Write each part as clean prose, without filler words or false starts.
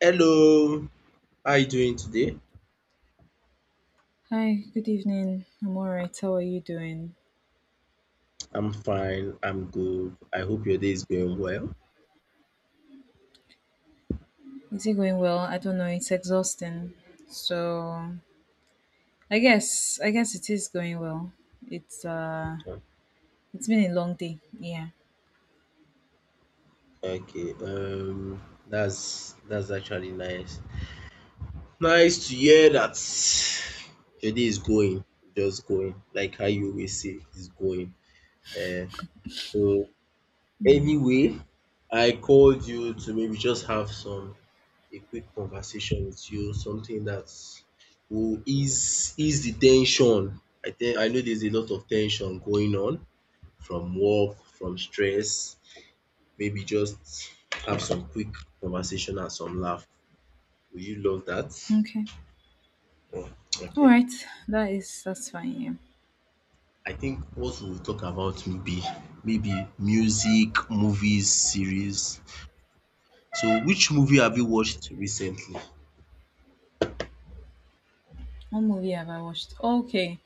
Hello, how are you doing today? Hi, good evening. I'm all right. How are you doing? I'm fine, I'm good. I hope your day is going well. Is it going well? I don't know. It's exhausting. So, I guess it is going well. It's uh it's been a long day. Yeah. Okay, that's actually nice. Nice to hear that your day is going, just going, like how you always say, is going. Uh, so anyway, I called you to maybe just have some a quick conversation with you, something that will ease the tension. I think I know there's a lot of tension going on from work, from stress, maybe just have some quick conversation and some laugh. Would you love that? Okay. Mm, All okay. right. That's fine. Yeah. I think what we'll talk about will be maybe music, movies, series. So which movie have you watched recently? What movie have I watched? Okay.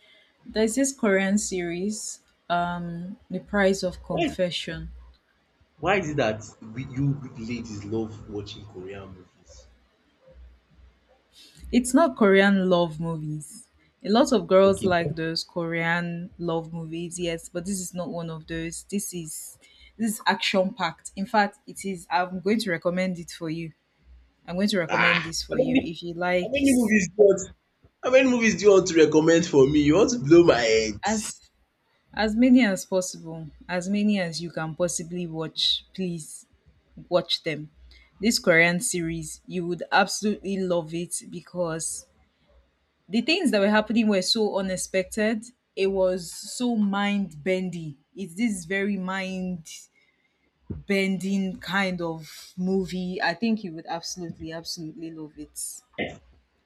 There's this Korean series, The Price of Why Confession. why is it that you ladies love watching Korean movies? It's not Korean love movies. A lot of girls Okay. like those Korean love movies, yes, but this is not one of those. This is action packed. In fact, it is. I'm going to recommend it for you. I'm going to recommend Ah, this for you if you how like many movies do you want? How many movies do you want to recommend for me? You want to blow my head? as as many as possible, as many as you can possibly watch. Please watch them. This Korean series, you would absolutely love it because the things that were happening were so unexpected. It was so mind bendy. It's this very mind bending kind of movie. I think you would absolutely, absolutely love it.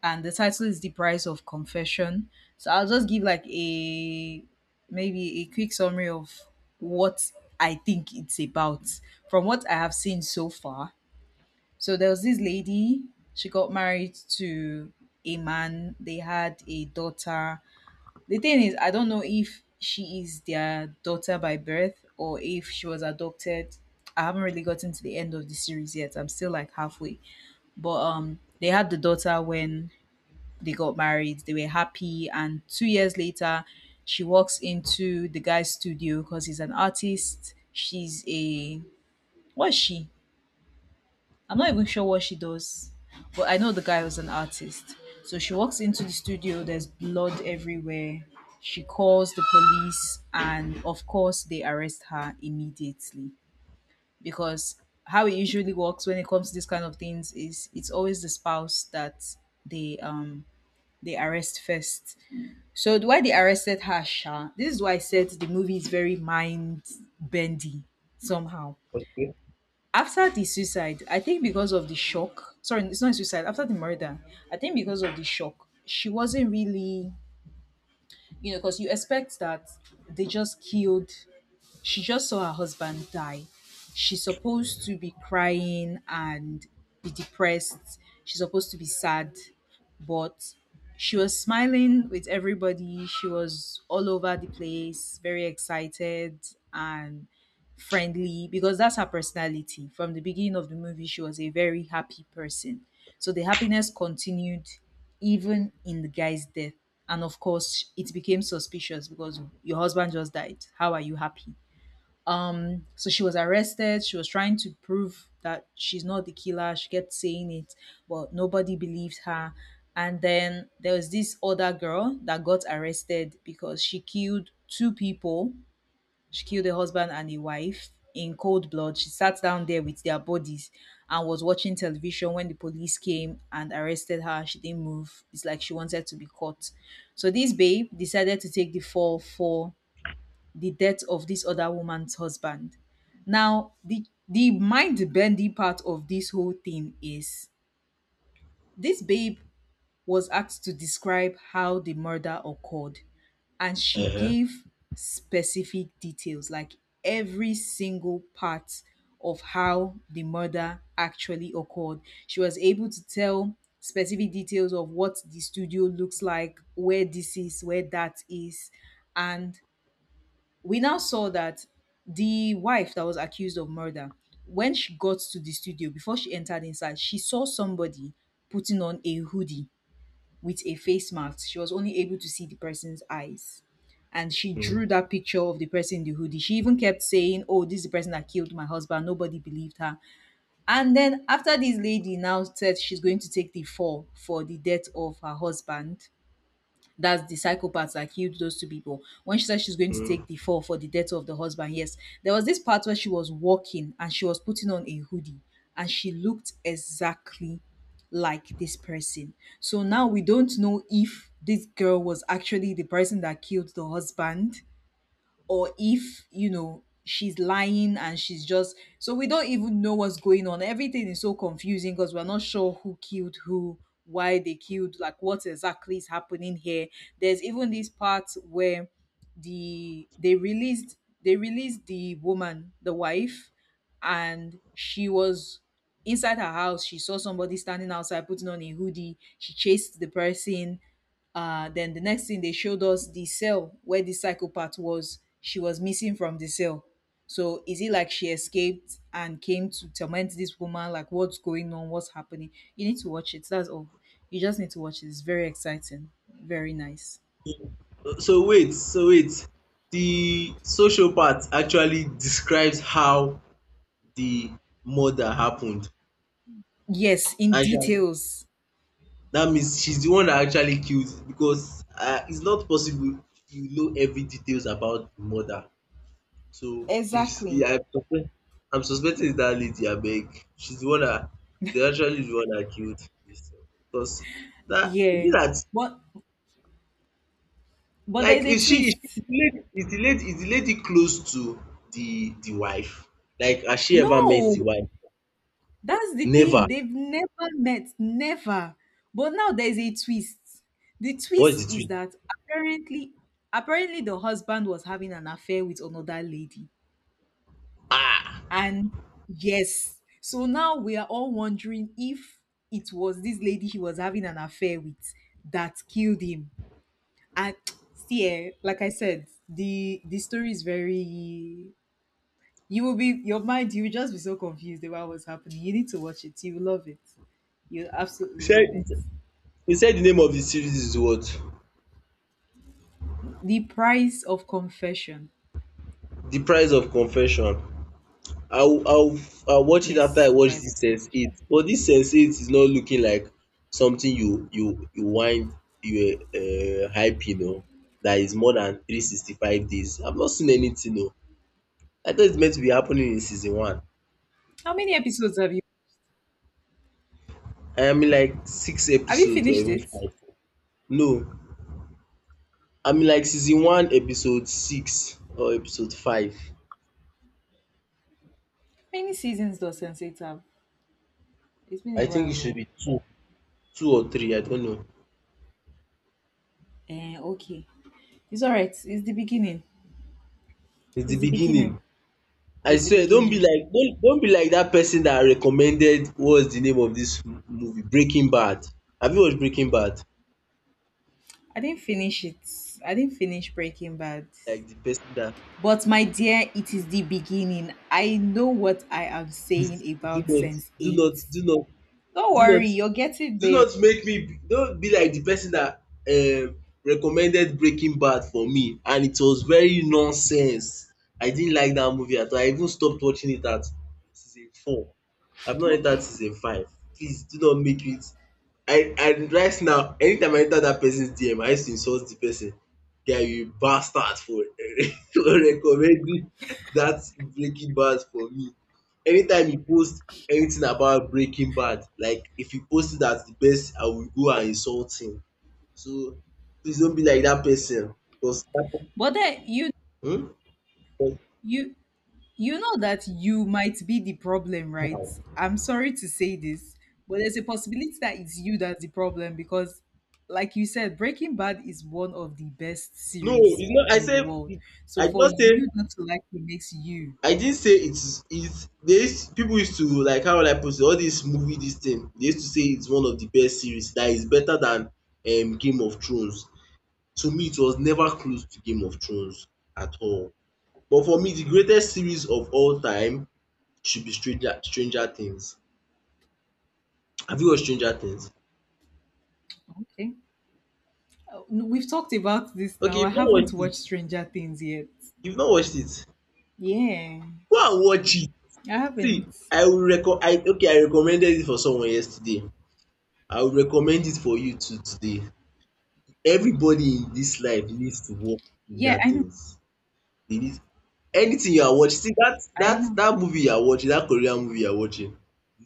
And the title is The Price of Confession. So I'll just give like a maybe a quick summary of what I think it's about from what I have seen so far. So there was this lady, she got married to a man, they had a daughter, the thing is, I don't know if she is their daughter by birth or if she was adopted. I haven't really gotten to the end of the series yet. I'm still like halfway. But they had the daughter when they got married. They were happy, and 2 years later she walks into the guy's studio because he's an artist. She's a what's she? I'm not even sure what she does, but I know the guy was an artist. So she walks into the studio, there's blood everywhere. She calls the police, and of course, they arrest her immediately because how it usually works when it comes to these kind of things is it's always the spouse that they they arrest first. So the why they arrested her, Sha? This is why I said the movie is very mind bendy somehow after the suicide, I think because of the shock, sorry, it's not suicide, after the murder, I think because of the shock, she wasn't really, you know, because you expect that they just killed she just saw her husband die. She's supposed to be crying and be depressed. She's supposed to be sad, but she was smiling with everybody. She was all over the place, very excited and friendly because that's her personality. From the beginning of the movie, she was a very happy person. So the happiness continued even in the guy's death. And of course, it became suspicious because your husband just died. How are you happy? So she was arrested. She was trying to prove that she's not the killer. She kept saying it, but nobody believed her. And then there was this other girl that got arrested because she killed two people. She killed a husband and a wife in cold blood. She sat down there with their bodies and was watching television when the police came and arrested her. She didn't move. It's like she wanted to be caught. So this babe decided to take the fall for the death of this other woman's husband. Now, the mind bending part of this whole thing is this babe was asked to describe how the murder occurred, and she Uh-huh. gave specific details, like every single part of how the murder actually occurred. She was able to tell specific details of what the studio looks like, where this is, where that is, and we now saw that the wife that was accused of murder, when she got to the studio, before she entered inside, she saw somebody putting on a hoodie with a face mask. She was only able to see the person's eyes. And she Mm, drew that picture of the person in the hoodie. She even kept saying, "Oh, this is the person that killed my husband." Nobody believed her. And then, after this lady now said she's going to take the fall for the death of her husband, that's the psychopath that killed those two people. When she said she's going to take mm. the fall for the death of the husband, yes, there was this part where she was walking and she was putting on a hoodie, and she looked exactly like this person. So now we don't know if this girl was actually the person that killed the husband, or if you know she's lying, and she's just so we don't even know what's going on. Everything is so confusing because we're not sure who killed who, why they killed, like what exactly is happening here. There's even this part where they released, they released the woman the wife, and she was inside her house, she saw somebody standing outside putting on a hoodie, she chased the person. Then the next thing they showed us the cell where the psychopath was, she was missing from the cell. So is it like she escaped and came to torment this woman? Like what's going on, what's happening? You need to watch it, that's all. You just need to watch it, it's very exciting, very nice. So wait, so wait. The social part actually describes how the murder happened. Yes, in And details. that means she's the one that actually killed, because it's not possible you know every details about the murder. So Exactly. yeah, I'm suspecting it's that lady Abeg. She's the one that she's actually the one that killed this. Because that is it Yeah, that. but there's Like a twist. is the lady close to the wife? Like has she ever met No. the wife? That's the thing. Never. They've never met, never. But now there's a twist. The What twist is the is tweet? that apparently, apparently the husband was having an affair with another lady. Ah! And yes, so now we are all wondering if it was this lady he was having an affair with that killed him. And see, eh, like I said, the story is very you will be your mind. You will just be so confused about what's happening. You need to watch it. You will love it. You'll He absolutely said love it. he said the name of the series is what? The Price of Confession. The Price of Confession. I'll I'll I'll watch it after Yes, I The watch Price of this Sense Eight. Confession. But this Sense Eight is not looking like something you wind you hype you know that is more than 365 days. I've not seen anything. No, I thought it's meant to be happening in season one. How many episodes have you? I am like six Have you episodes or finished even it? five. No, I'm in like season one, episode six or episode five. Many seasons does Sense8 have? It's been I a think while. it should Ago. be two or three. I don't know. Eh, okay. It's all right. It's the beginning. It's the It's the beginning. beginning. I It's the swear, don't be beginning. like don't don't be like that person that recommended, what's the name of this movie? Breaking Bad. Have you watched Breaking Bad? I didn't finish it. I didn't finish Breaking Bad. Like the person that, But my dear, it is the beginning. I know what I am saying please do about not Sense do not 8. do not Don't do worry, not you're getting do there. not make me, don't be like the person that um recommended Breaking Bad for me, and it was very nonsense. I didn't like that movie at all. I even stopped watching it at season four. I've not entered Okay. season five. Please do not make it. I And right now, anytime I enter that person's DM, I used to insult the person. Guy, you bastard, for for recommending that Breaking Bad for me. Anytime you post anything about Breaking Bad, like if you post it as the best, I will go and insult him. So please don't be like that person. Because that, But then you hmm? Because you you know that you might be the problem, right? I'm sorry to say this, but there's a possibility that it's you that's the problem because like you said, Breaking Bad is one of the best no, series it's not. I in the said, world. I So did for not say you not to like it makes you I didn't say it's, there is people used to like, how will I put it, all this movie this thing, they used to say it's one of the best series, that is better than Game of Thrones. To me, it was never close to Game of Thrones at all. But for me, the greatest series of all time should be Stranger Things. Have you watched Stranger Things? okay. No, we've talked about this Okay, now. I you've not haven't watched watched it. Stranger Things yet. You've not watched it. Yeah, Go and watch it. I See, haven't. I will reco I okay, I recommended it for someone yesterday. I will recommend it for you too today. Everybody in this life needs to watch Yeah, Stranger I know. Things. They need anything you are watching. See that I that know that movie you are watching, that Korean movie you are watching,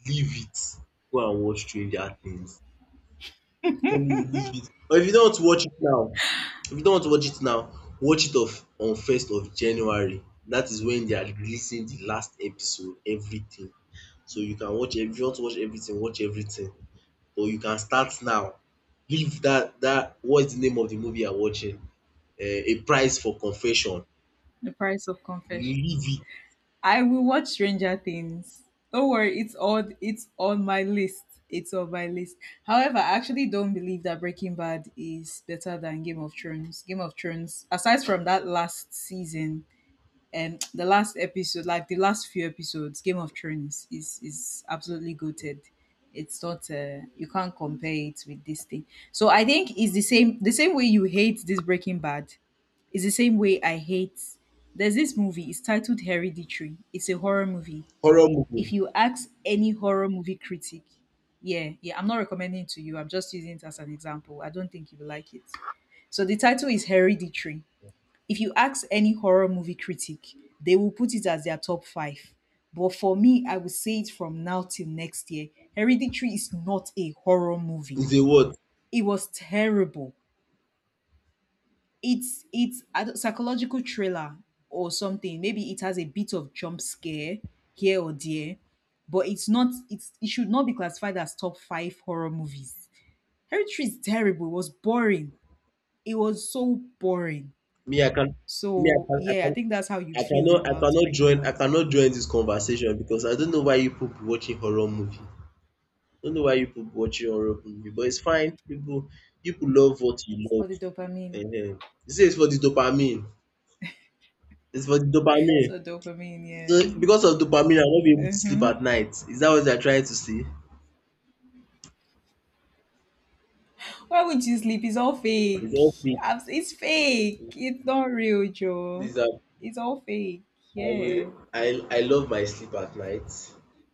leave it. Go and watch Stranger Things. Totally leave it. Or if you don't want to watch it now, if you don't want to watch it now, watch it of on first of January. That is when they are releasing the last episode, everything. So you can watch if you want to watch everything, watch everything. But you can start now. Leave that what's the name of the movie you're watching? Uh, a Price for Confession. the price of confession. Leave it. I will watch Stranger Things. Don't worry, it's on my list. It's on my list. However, I actually don't believe that Breaking Bad is better than Game of Thrones. Game of Thrones, aside from that last season, the last episode, like the last few episodes, Game of Thrones is absolutely goated. It's not you can't compare it with this thing. So I think it's the same way you hate this Breaking Bad. It's the same way I hate. There's this movie. It's titled Hereditary. It's a horror movie. Horror If movie you ask any horror movie critic, yeah, yeah, I'm not recommending it to you. I'm just using it as an example. I don't think you will like it. So the title is Hereditary. If you ask any horror movie critic, they will put it as their top five. But for me, I would say it from now till next year. Hereditary is not a horror movie. is a what? It was terrible. It's a psychological thriller or something. Maybe it has a bit of jump scare here or there, but it's not. It's it should not be classified as top five horror movies. Hereditary is terrible. It was boring. It was so boring. Me, I can me So yeah, I think that's how you feel about Breaking I Bad. cannot join this conversation, because I don't know why you people be watching horror movie. Don't know why you people watch your horror movie, but it's fine. People love what you It's for love. the dopamine. Ehen. You say it's for the dopamine. It's for the dopamine. So So dopamine, because of dopamine, I won't be able yeah. to sleep Mm-hmm. at night. Is that what they are trying to say? Why would you sleep? It's all It's fake. all fake. It's fake. It's not real, Joe. Please, I It's all fake. Yeah. will. I love my sleep at night.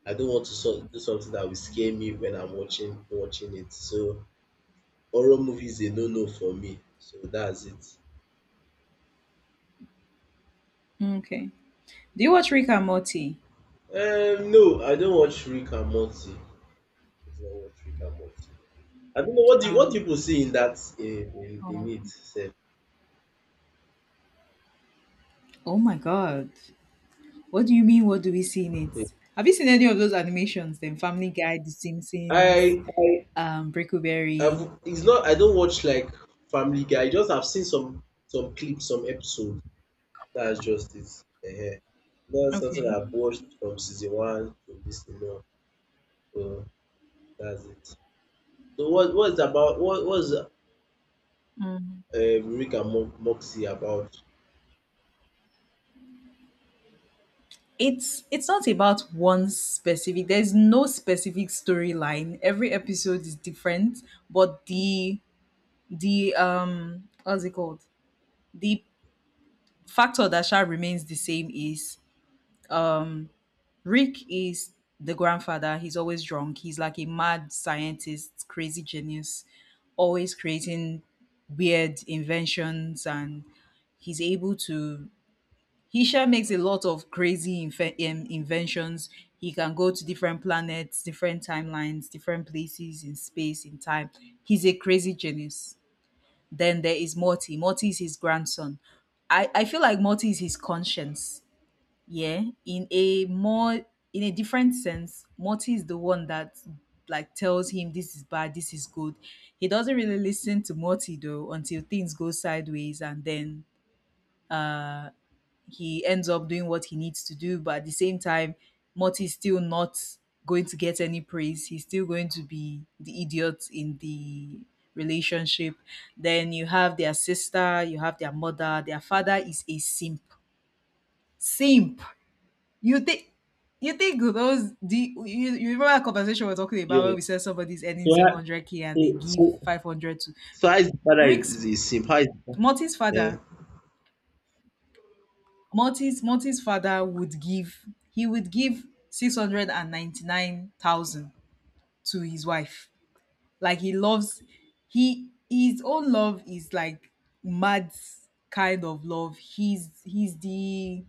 I don't want to so, do something that will scare me when I'm watching it. So horror movies, a no no for me. So that's it. Okay. Do you watch Rick and Morty? No, I don't watch Rick and Morty. I don't watch Rick and Morty. I don't know, what do you, what do Um, people see in that in oh. it sef. Oh my God. What do you mean? What do we see in it? Have you seen any of those animations? Then Family Guy, The Simpsons, I I Brickleberry. It's not I don't watch like Family Guy. I just have seen some clips, some episode. That's just it. Ehen. Not something Okay. I've watched from season one to this thing now. So that's it. So what what's about what was Rick and Moxie about? It's not about one specific there's no specific storyline, every episode is different. But the what's it called, the factor that shall remains the same is Rick is the grandfather, he's always drunk, he's like a mad scientist, crazy genius, always creating weird inventions. And he's able to he sha makes a lot of crazy inventions. He can go to different planets, different timelines, different places in space, in time. He's a crazy genius. Then there is Morty. Morty is his grandson. I feel like Morty is his conscience. Yeah. In a different sense, Morty is the one that like tells him this is bad, this is good. He doesn't really listen to Morty though until things go sideways, and then he ends up doing what he needs to do, but at the same time, Morty is still not going to get any praise. He's still going to be the idiot in the relationship. Then you have their sister, you have their mother, their father is a simp. Simp. You think you think those the you, you remember that conversation we are talking about where we Yes. said somebody's So earning how 700k so and they give so 500 to so how is the father, Rick's is a simp? How is the father? Morty's father. Morty's father would give, 699,000 to his wife. Like he loves, he his own love is like mad kind of love.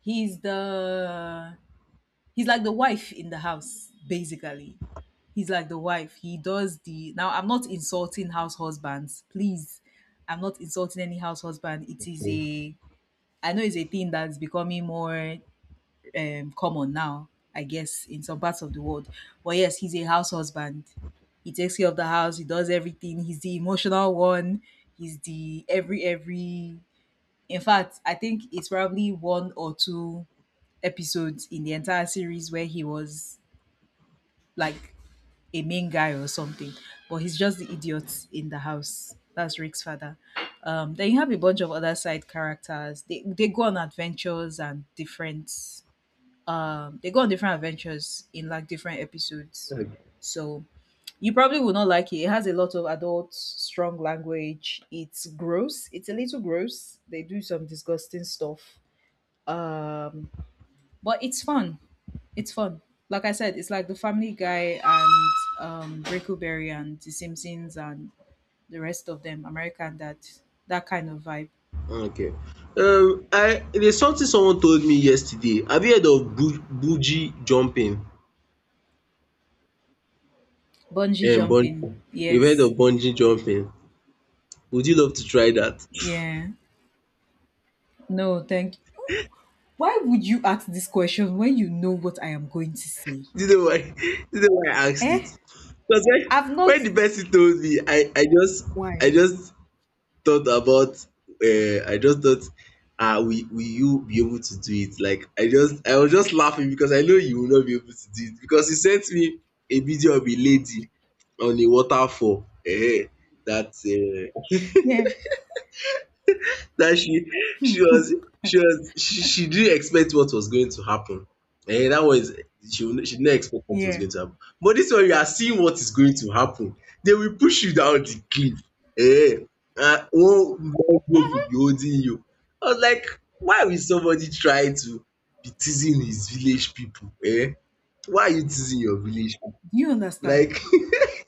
he's the he's like the wife in the house basically. He's like the wife. He does the Now I'm not insulting house husbands. Please. I'm not insulting any house husband. It is a I know it's a thing that's becoming more common now, I guess, in some parts of the world. But yes, he's a house husband. He takes care of the house. He does everything. He's the emotional one. He's the every every. In fact, I think it's probably one or two episodes in the entire series where he was like a main guy or something. But he's just the idiot in the house. That's Rick's father. Then you have a bunch of other side characters. They go on adventures and different they go on different adventures in like different episodes, Yeah. so you probably will not like it. It has a lot of adult strong language. It's gross. It's a little gross. They do some disgusting stuff, um but it's fun. It's fun. Like I said, it's like the family Guy and Brickleberry and The Simpsons and the rest of them, American Dad. That kind of vibe. Okay. I there's something someone told me yesterday. Have you heard of bu bungee jumping? Bungee jumping, Bungee. You've heard yes. of bungee jumping? Would you love to try that? Yeah, no thank. Why would you ask this question when you know what I am going to say? Do you know why? Do you know why I asked it? Eh? Because I've not. when the person told me, I Why? just thought about I just thought, ah, will you be able to do it? Like, I just, I was just laughing because I know you will not be able to do it, because you sent me a video of a lady on a waterfall. Eh, that uh, Yeah, that she was she didn't expect what was going to happen. Eh, that was she didn't expect what was yeah. going to happen. But this one, you are seeing what is going to happen. They will push you down the cliff. Eh, and one group will be holding you. I was like, why will somebody try to be teasing his village people? Eh, why are you teasing your village people? Do you understand? Like,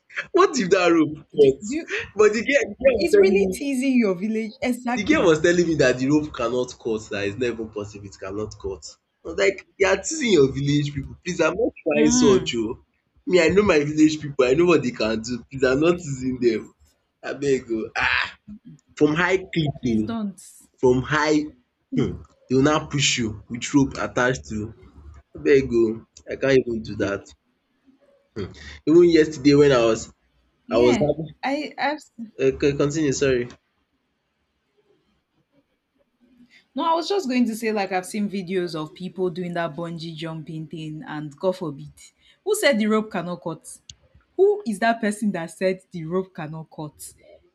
what if that rope Do, do cuts? you, But the girl was it's telling really me teasing your village. the girl was Exactly. telling me that the rope cannot cut, that it's not even possible, it cannot cut. I was like, you are teasing your village people, please, I'm not trying such Mm, oo. Me, I know my village people, I know what they can do, please, I'm not teasing them. Abeg oo, from high cliff please oo, don't. from high they will now push you with rope attached to. Abeg oo, I can't even do that. Even yesterday when I was Yeah, having, I, I've. Continue, sorry. No, I was just going to say, like, I've seen videos of people doing that bungee jumping thing, and God forbid, who said the rope cannot cut? Who is that person that said the rope cannot cut?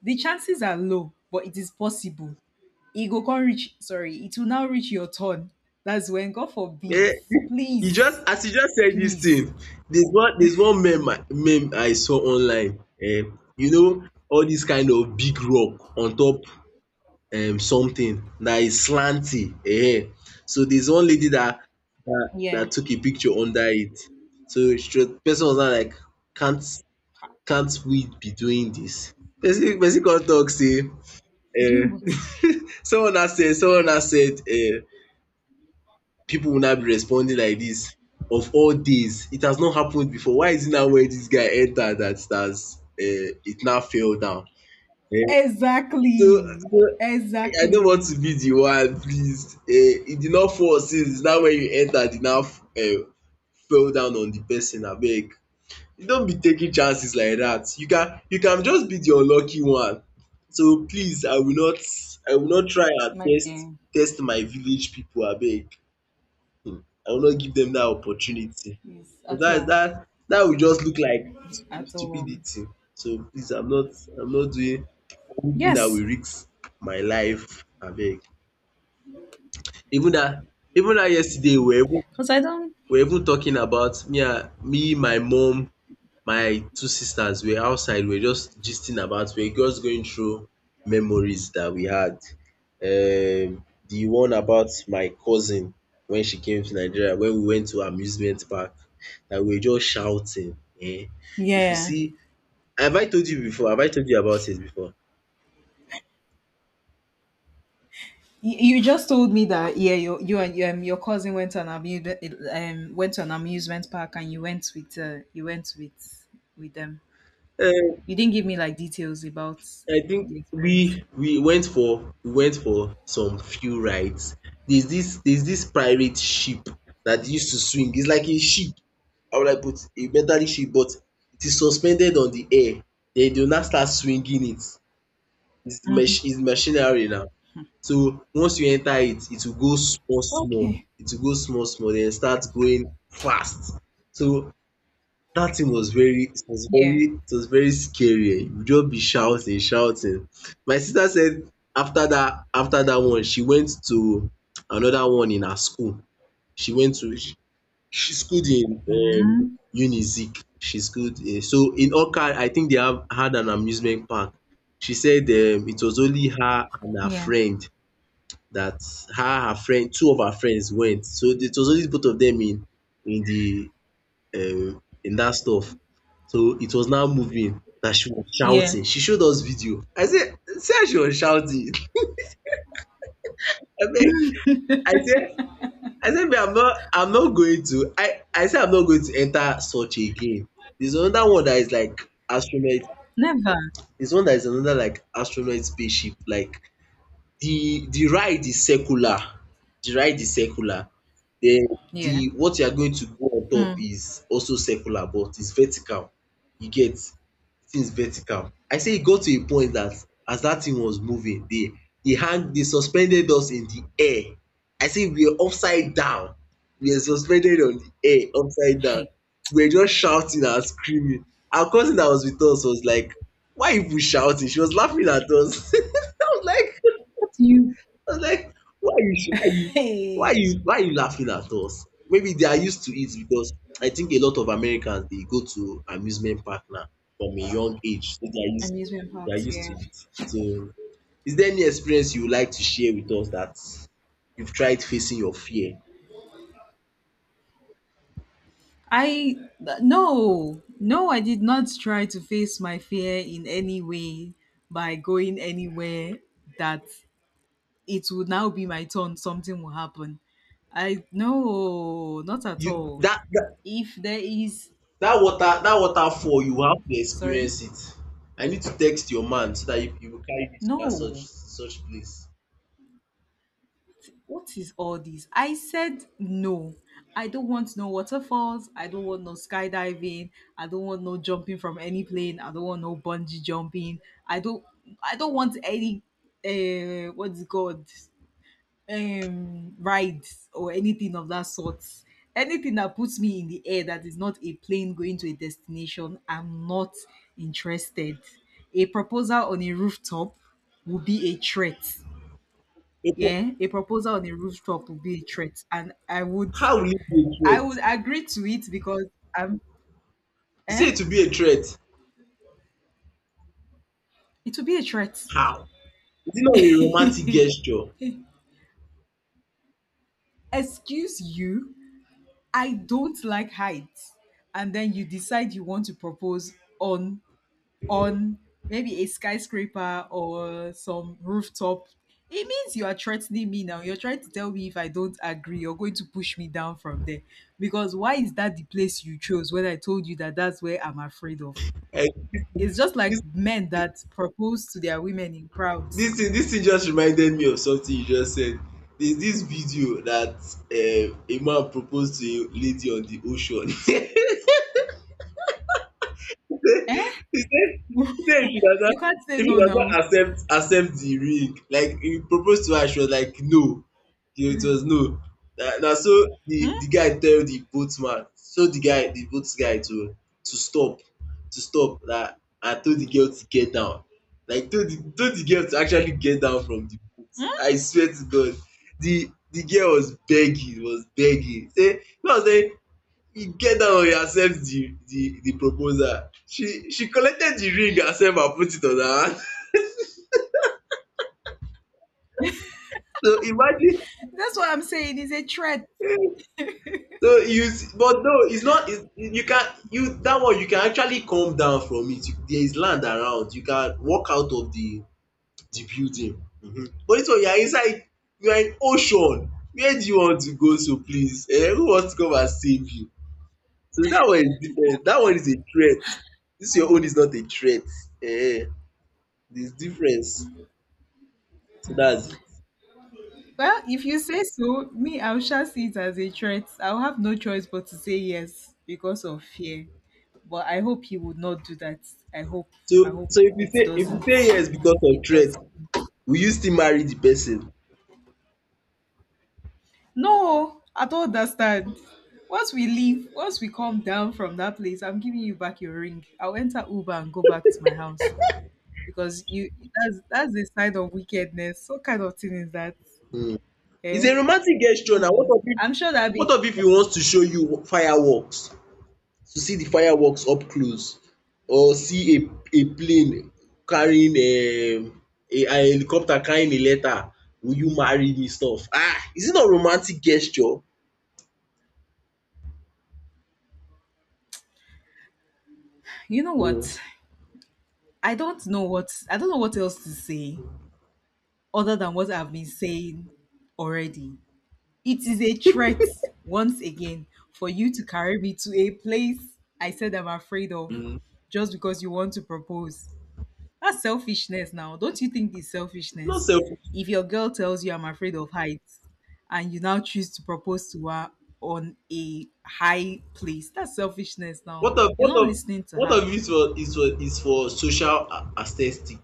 The chances are low, but it is possible. It go come reach, sorry, it will now reach your turn. That's when, God forbid, Eh, you just, please, as you just said this please. thing, there's one meme, I saw online, you know all this kind of big rock on top, something that is slanty. Eh, so there's one lady that that Yeah. dat took a picture under it. So she was, person was now like, can't can't we be doing this? Person come talk sey, Doing um what? Someone has said people will not be responding like this. Of all days it has not happened before, why is it now where this guy entered that that's it now fell down. Yeah. so Exactly. so I don't want Exactly. to be the one, please, it did not fall since. It's now when you entered, it now fell down on the person abeg. You don't be taking chances like that, you can just be the unlucky one. So please, I will not try and My test dear. test my village people abeg. Hmm, I will not give them that opportunity. Yes, So at that all. that that will just look like At all. stupidity. So please, I'm not doing anything that Yes, will risk my life abeg. Even that, yesterday we were even, because I don't. we were even talking about, me and me, my mom, my two sisters were outside, we were just gisting about, we were just going through memories that we had. The one about my cousin, when she came to Nigeria, when we went to amusement park, that we were just shouting. um If you Yeah. see, have I told you before? Have I told you about it before? You just told me that, yeah, you and your cousin went to an amusement park, and you went with them. um You didn't give me like details about I think the experience. we went for some few rides. There's this pirate ship that used to swing. It's like a ship. How will I put it? A metallic ship but it is suspended on the air. Then they will now start swinging it. Mhm. It's machinery now. So once you enter it, it will go small small. Okay. It will go small small then start going fast. So that thing was very Yeah. It was very scary You will just be shouting shouting. My sister said after that one she went to another one in her school. She went to she she schooled in um Mm. Unizik. She schooled in so in Awka I think they have had an amusement park. She said it was only her and her Yeah. friend that her her friend two of her friends went. So it was only both of them in the in that stuff. So it was now moving that she was Yeah. shouting. She showed us video. I said, see how she was shouting. I mean, I said, I said, me, I'm not going to. I said, I'm not going to enter such a game. There's another one that is like astronaut. Never. There's one that is another like astronaut spaceship. Like the ride is circular. The ride is circular. Then Yeah. the what you are going to go on top Mm. is also circular, but it's vertical. You get things vertical. I say e got to a point that as that thing was moving, they hang they suspended us in the air. I say we were upside down. We were suspended on the air upside down. Hey. We were just shouting and screaming. Our cousin that was with us was like, why you people shouting? She was laughing at us. What do you? I was like, Hey. Why are you laughing at us? Maybe they are used to it because I think a lot of Americans they go to amusement park now from a young age. So Amusement they are parks. used Yeah. to it. So is there any experience you would like to share with us that you've tried facing your fear? I, no, no, I did not try to face my fear in any way by going anywhere that it would now be my turn something will happen. I, no, not at You all. that that, If there is, that water that waterfall you have to sorry, experience it. I need to text your man so that you will carry me to that such no. such place. What is all this? I said no. I don't want no waterfalls. I don't want no skydiving. I don't want no jumping from any plane. I don't want no bungee jumping. I don't I don't want any what's it called, rides or anything of that sort. Anything that puts me in the air that is not a plane going to a destination, I'm not interested. A proposal on a rooftop will be a threat. But Yeah, a proposal on a rooftop would be a threat, and I would, How will it be a I would threat? agree to it because um You say eh it will be a threat. it would be a threat. How? Is it not a romantic gesture? Excuse you, I don't like heights, and then you decide you want to propose on on maybe a skyscraper or some rooftop. It means you are threatening me now. You're trying to tell me if I don't agree, you're going to push me down from there. Because why is that the place you chose when I told you that that's where I'm afraid of? Like It's just like this men that propose to their women in crowds. This thing just reminded me of something you just said. There's this video that a man proposed to a lady on the ocean He said, he said You can't say if she no does now. not accept the ring, like he proposed to her, she was like, no. You know, it was no. Na na so the guy tell the boatman, so the boat guy to to stop, to stop na and told the girl to get down. Like told the girl to actually get down from the boat. I swear to God. The girl was begging, was begging. Say, you know say you get down one accept the proposal she collected the ring herself and put it on her hand so imagine That's what I'm saying. It's a threat. so you but no it's not it's you can you that one you can actually come down from it. You, there is land around you can walk out of the building but this one you are inside you are in ocean where do you want to go so please who wants to come and save you so that one is different that one is a threat this your own Oh. is not a threat. Eh. There is difference. So that's it. Well, if you say so, me, I shall see it as a threat. I'll have no choice but to say yes because of fear. But I hope he would not do that. I hope. So I hope so it if you doesn't. say yes because of It threat, does. will you still marry the person? No, I don't understand. Once we leave, once we come down from that place, I'm giving you back your ring. I'll enter Uber and go back to my house. Because you, that's the side of wickedness. What kind of thing is that? um It's Eh? a romantic gesture now. No. I'm sure that be, What of if he wants to show you fireworks, to see the fireworks up close or see a plane carrying a an helicopter carrying a letter, will you marry me stuff? Ah, is it not romantic gesture? you know what? um I don't know what else to say other than what I've been saying already. It is a threat once again for you to carry me to a place I said I'm afraid of um just because you want to propose. That's selfishness now. Don't you think it's Not selfishness? self. If your girl tells you I'm afraid of heights and you now choose to propose to her on a high place, that's selfishness now. What of You're what not of listening to what of her. it for is for social aesthetic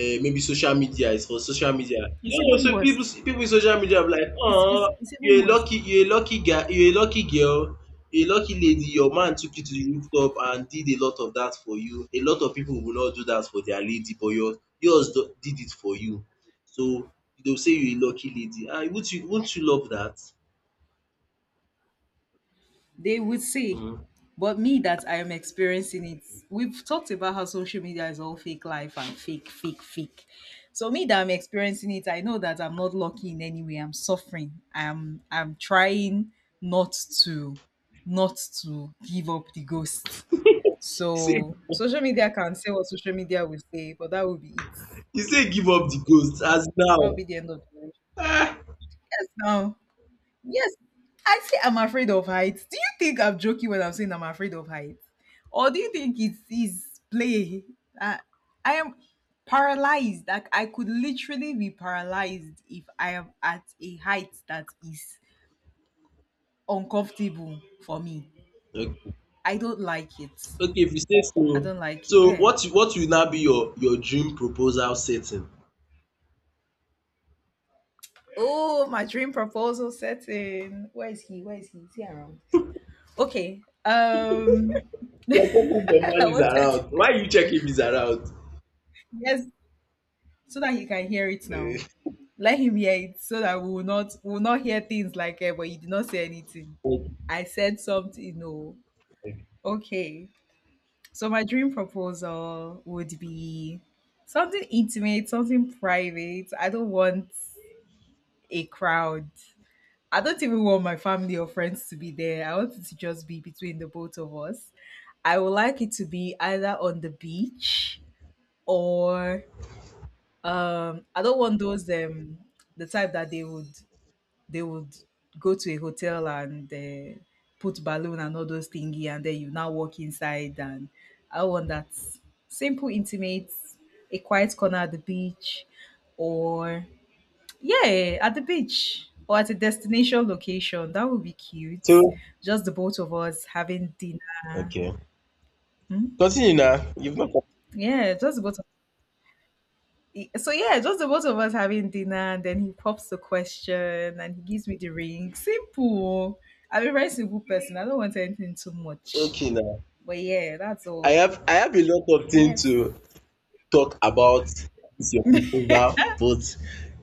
maybe social media is for social media. You It's know even so worse. pipu in social media be like It's it's, it's even worse. You a lucky girl you a lucky lady your man took you to the rooftop and did a lot of that for you. A lot of pipu will not do that for their lady but yours do did it for you. So dey will say you a lucky lady and won't you love that? They would say, um but me that I am experiencing it, we've talked about how social media is all fake life and fake, fake, fake. So me that I'm experiencing it, I know that I'm not lucky in any way. I'm suffering. I'm trying not to, not to give up the ghost. you say So social media can say what social media will say, but that will be it. you say give up the ghost as That'll be now. the end of the relationship. Yes now. Yes, I say I'm afraid of heights. Do you think I'm joking when I'm saying I'm afraid of heights? Or do you think it's play? Uh, I am paralyzed. Like, I could literally be paralyzed if I am at a height that is uncomfortable for me. Okay. I don't like it. Okay, if you say I so. don't like it, So yeah. What will now be your dream proposal setting? Oh, my dream proposal setting. Where is he? Where is he? Is he around? Okay. You're checking if your man is What? around. Why you check if he's around? Yes, so that he can hear it now. Eh, Let him hear it so that we will not hear things like, eh, but you did not say anything. I said something. No. Okay. So my dream proposal would be something intimate, something private. I don't want a crowd. I don't even want my family or friends to be there. I want it to just be between the both of us. I would like it to be either on the beach or I don't want those the type that they would go to a hotel and put balloon and all those thingy and then you now walk inside, and I want that simple intimate, a quiet corner at the beach, or yeah, at the beach or at a destination location. That would be cute. so Just the both of us having dinner. okay, Hmm? continue now. You've not Yeah, just the both So yeah, just the both of us having dinner, and then he pops the question, and he gives me the ring. Simple. I'm a very simple person. I don't want anything too much. okay now. But yeah, that's all. I have a lot of things Yes. to talk about this your proposal, but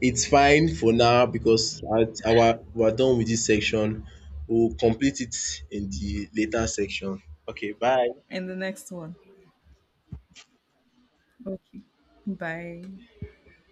it's fine for now because at our we're done with this section. We'll complete it in the later section. Okay, bye. And the next one. Okay. Bye.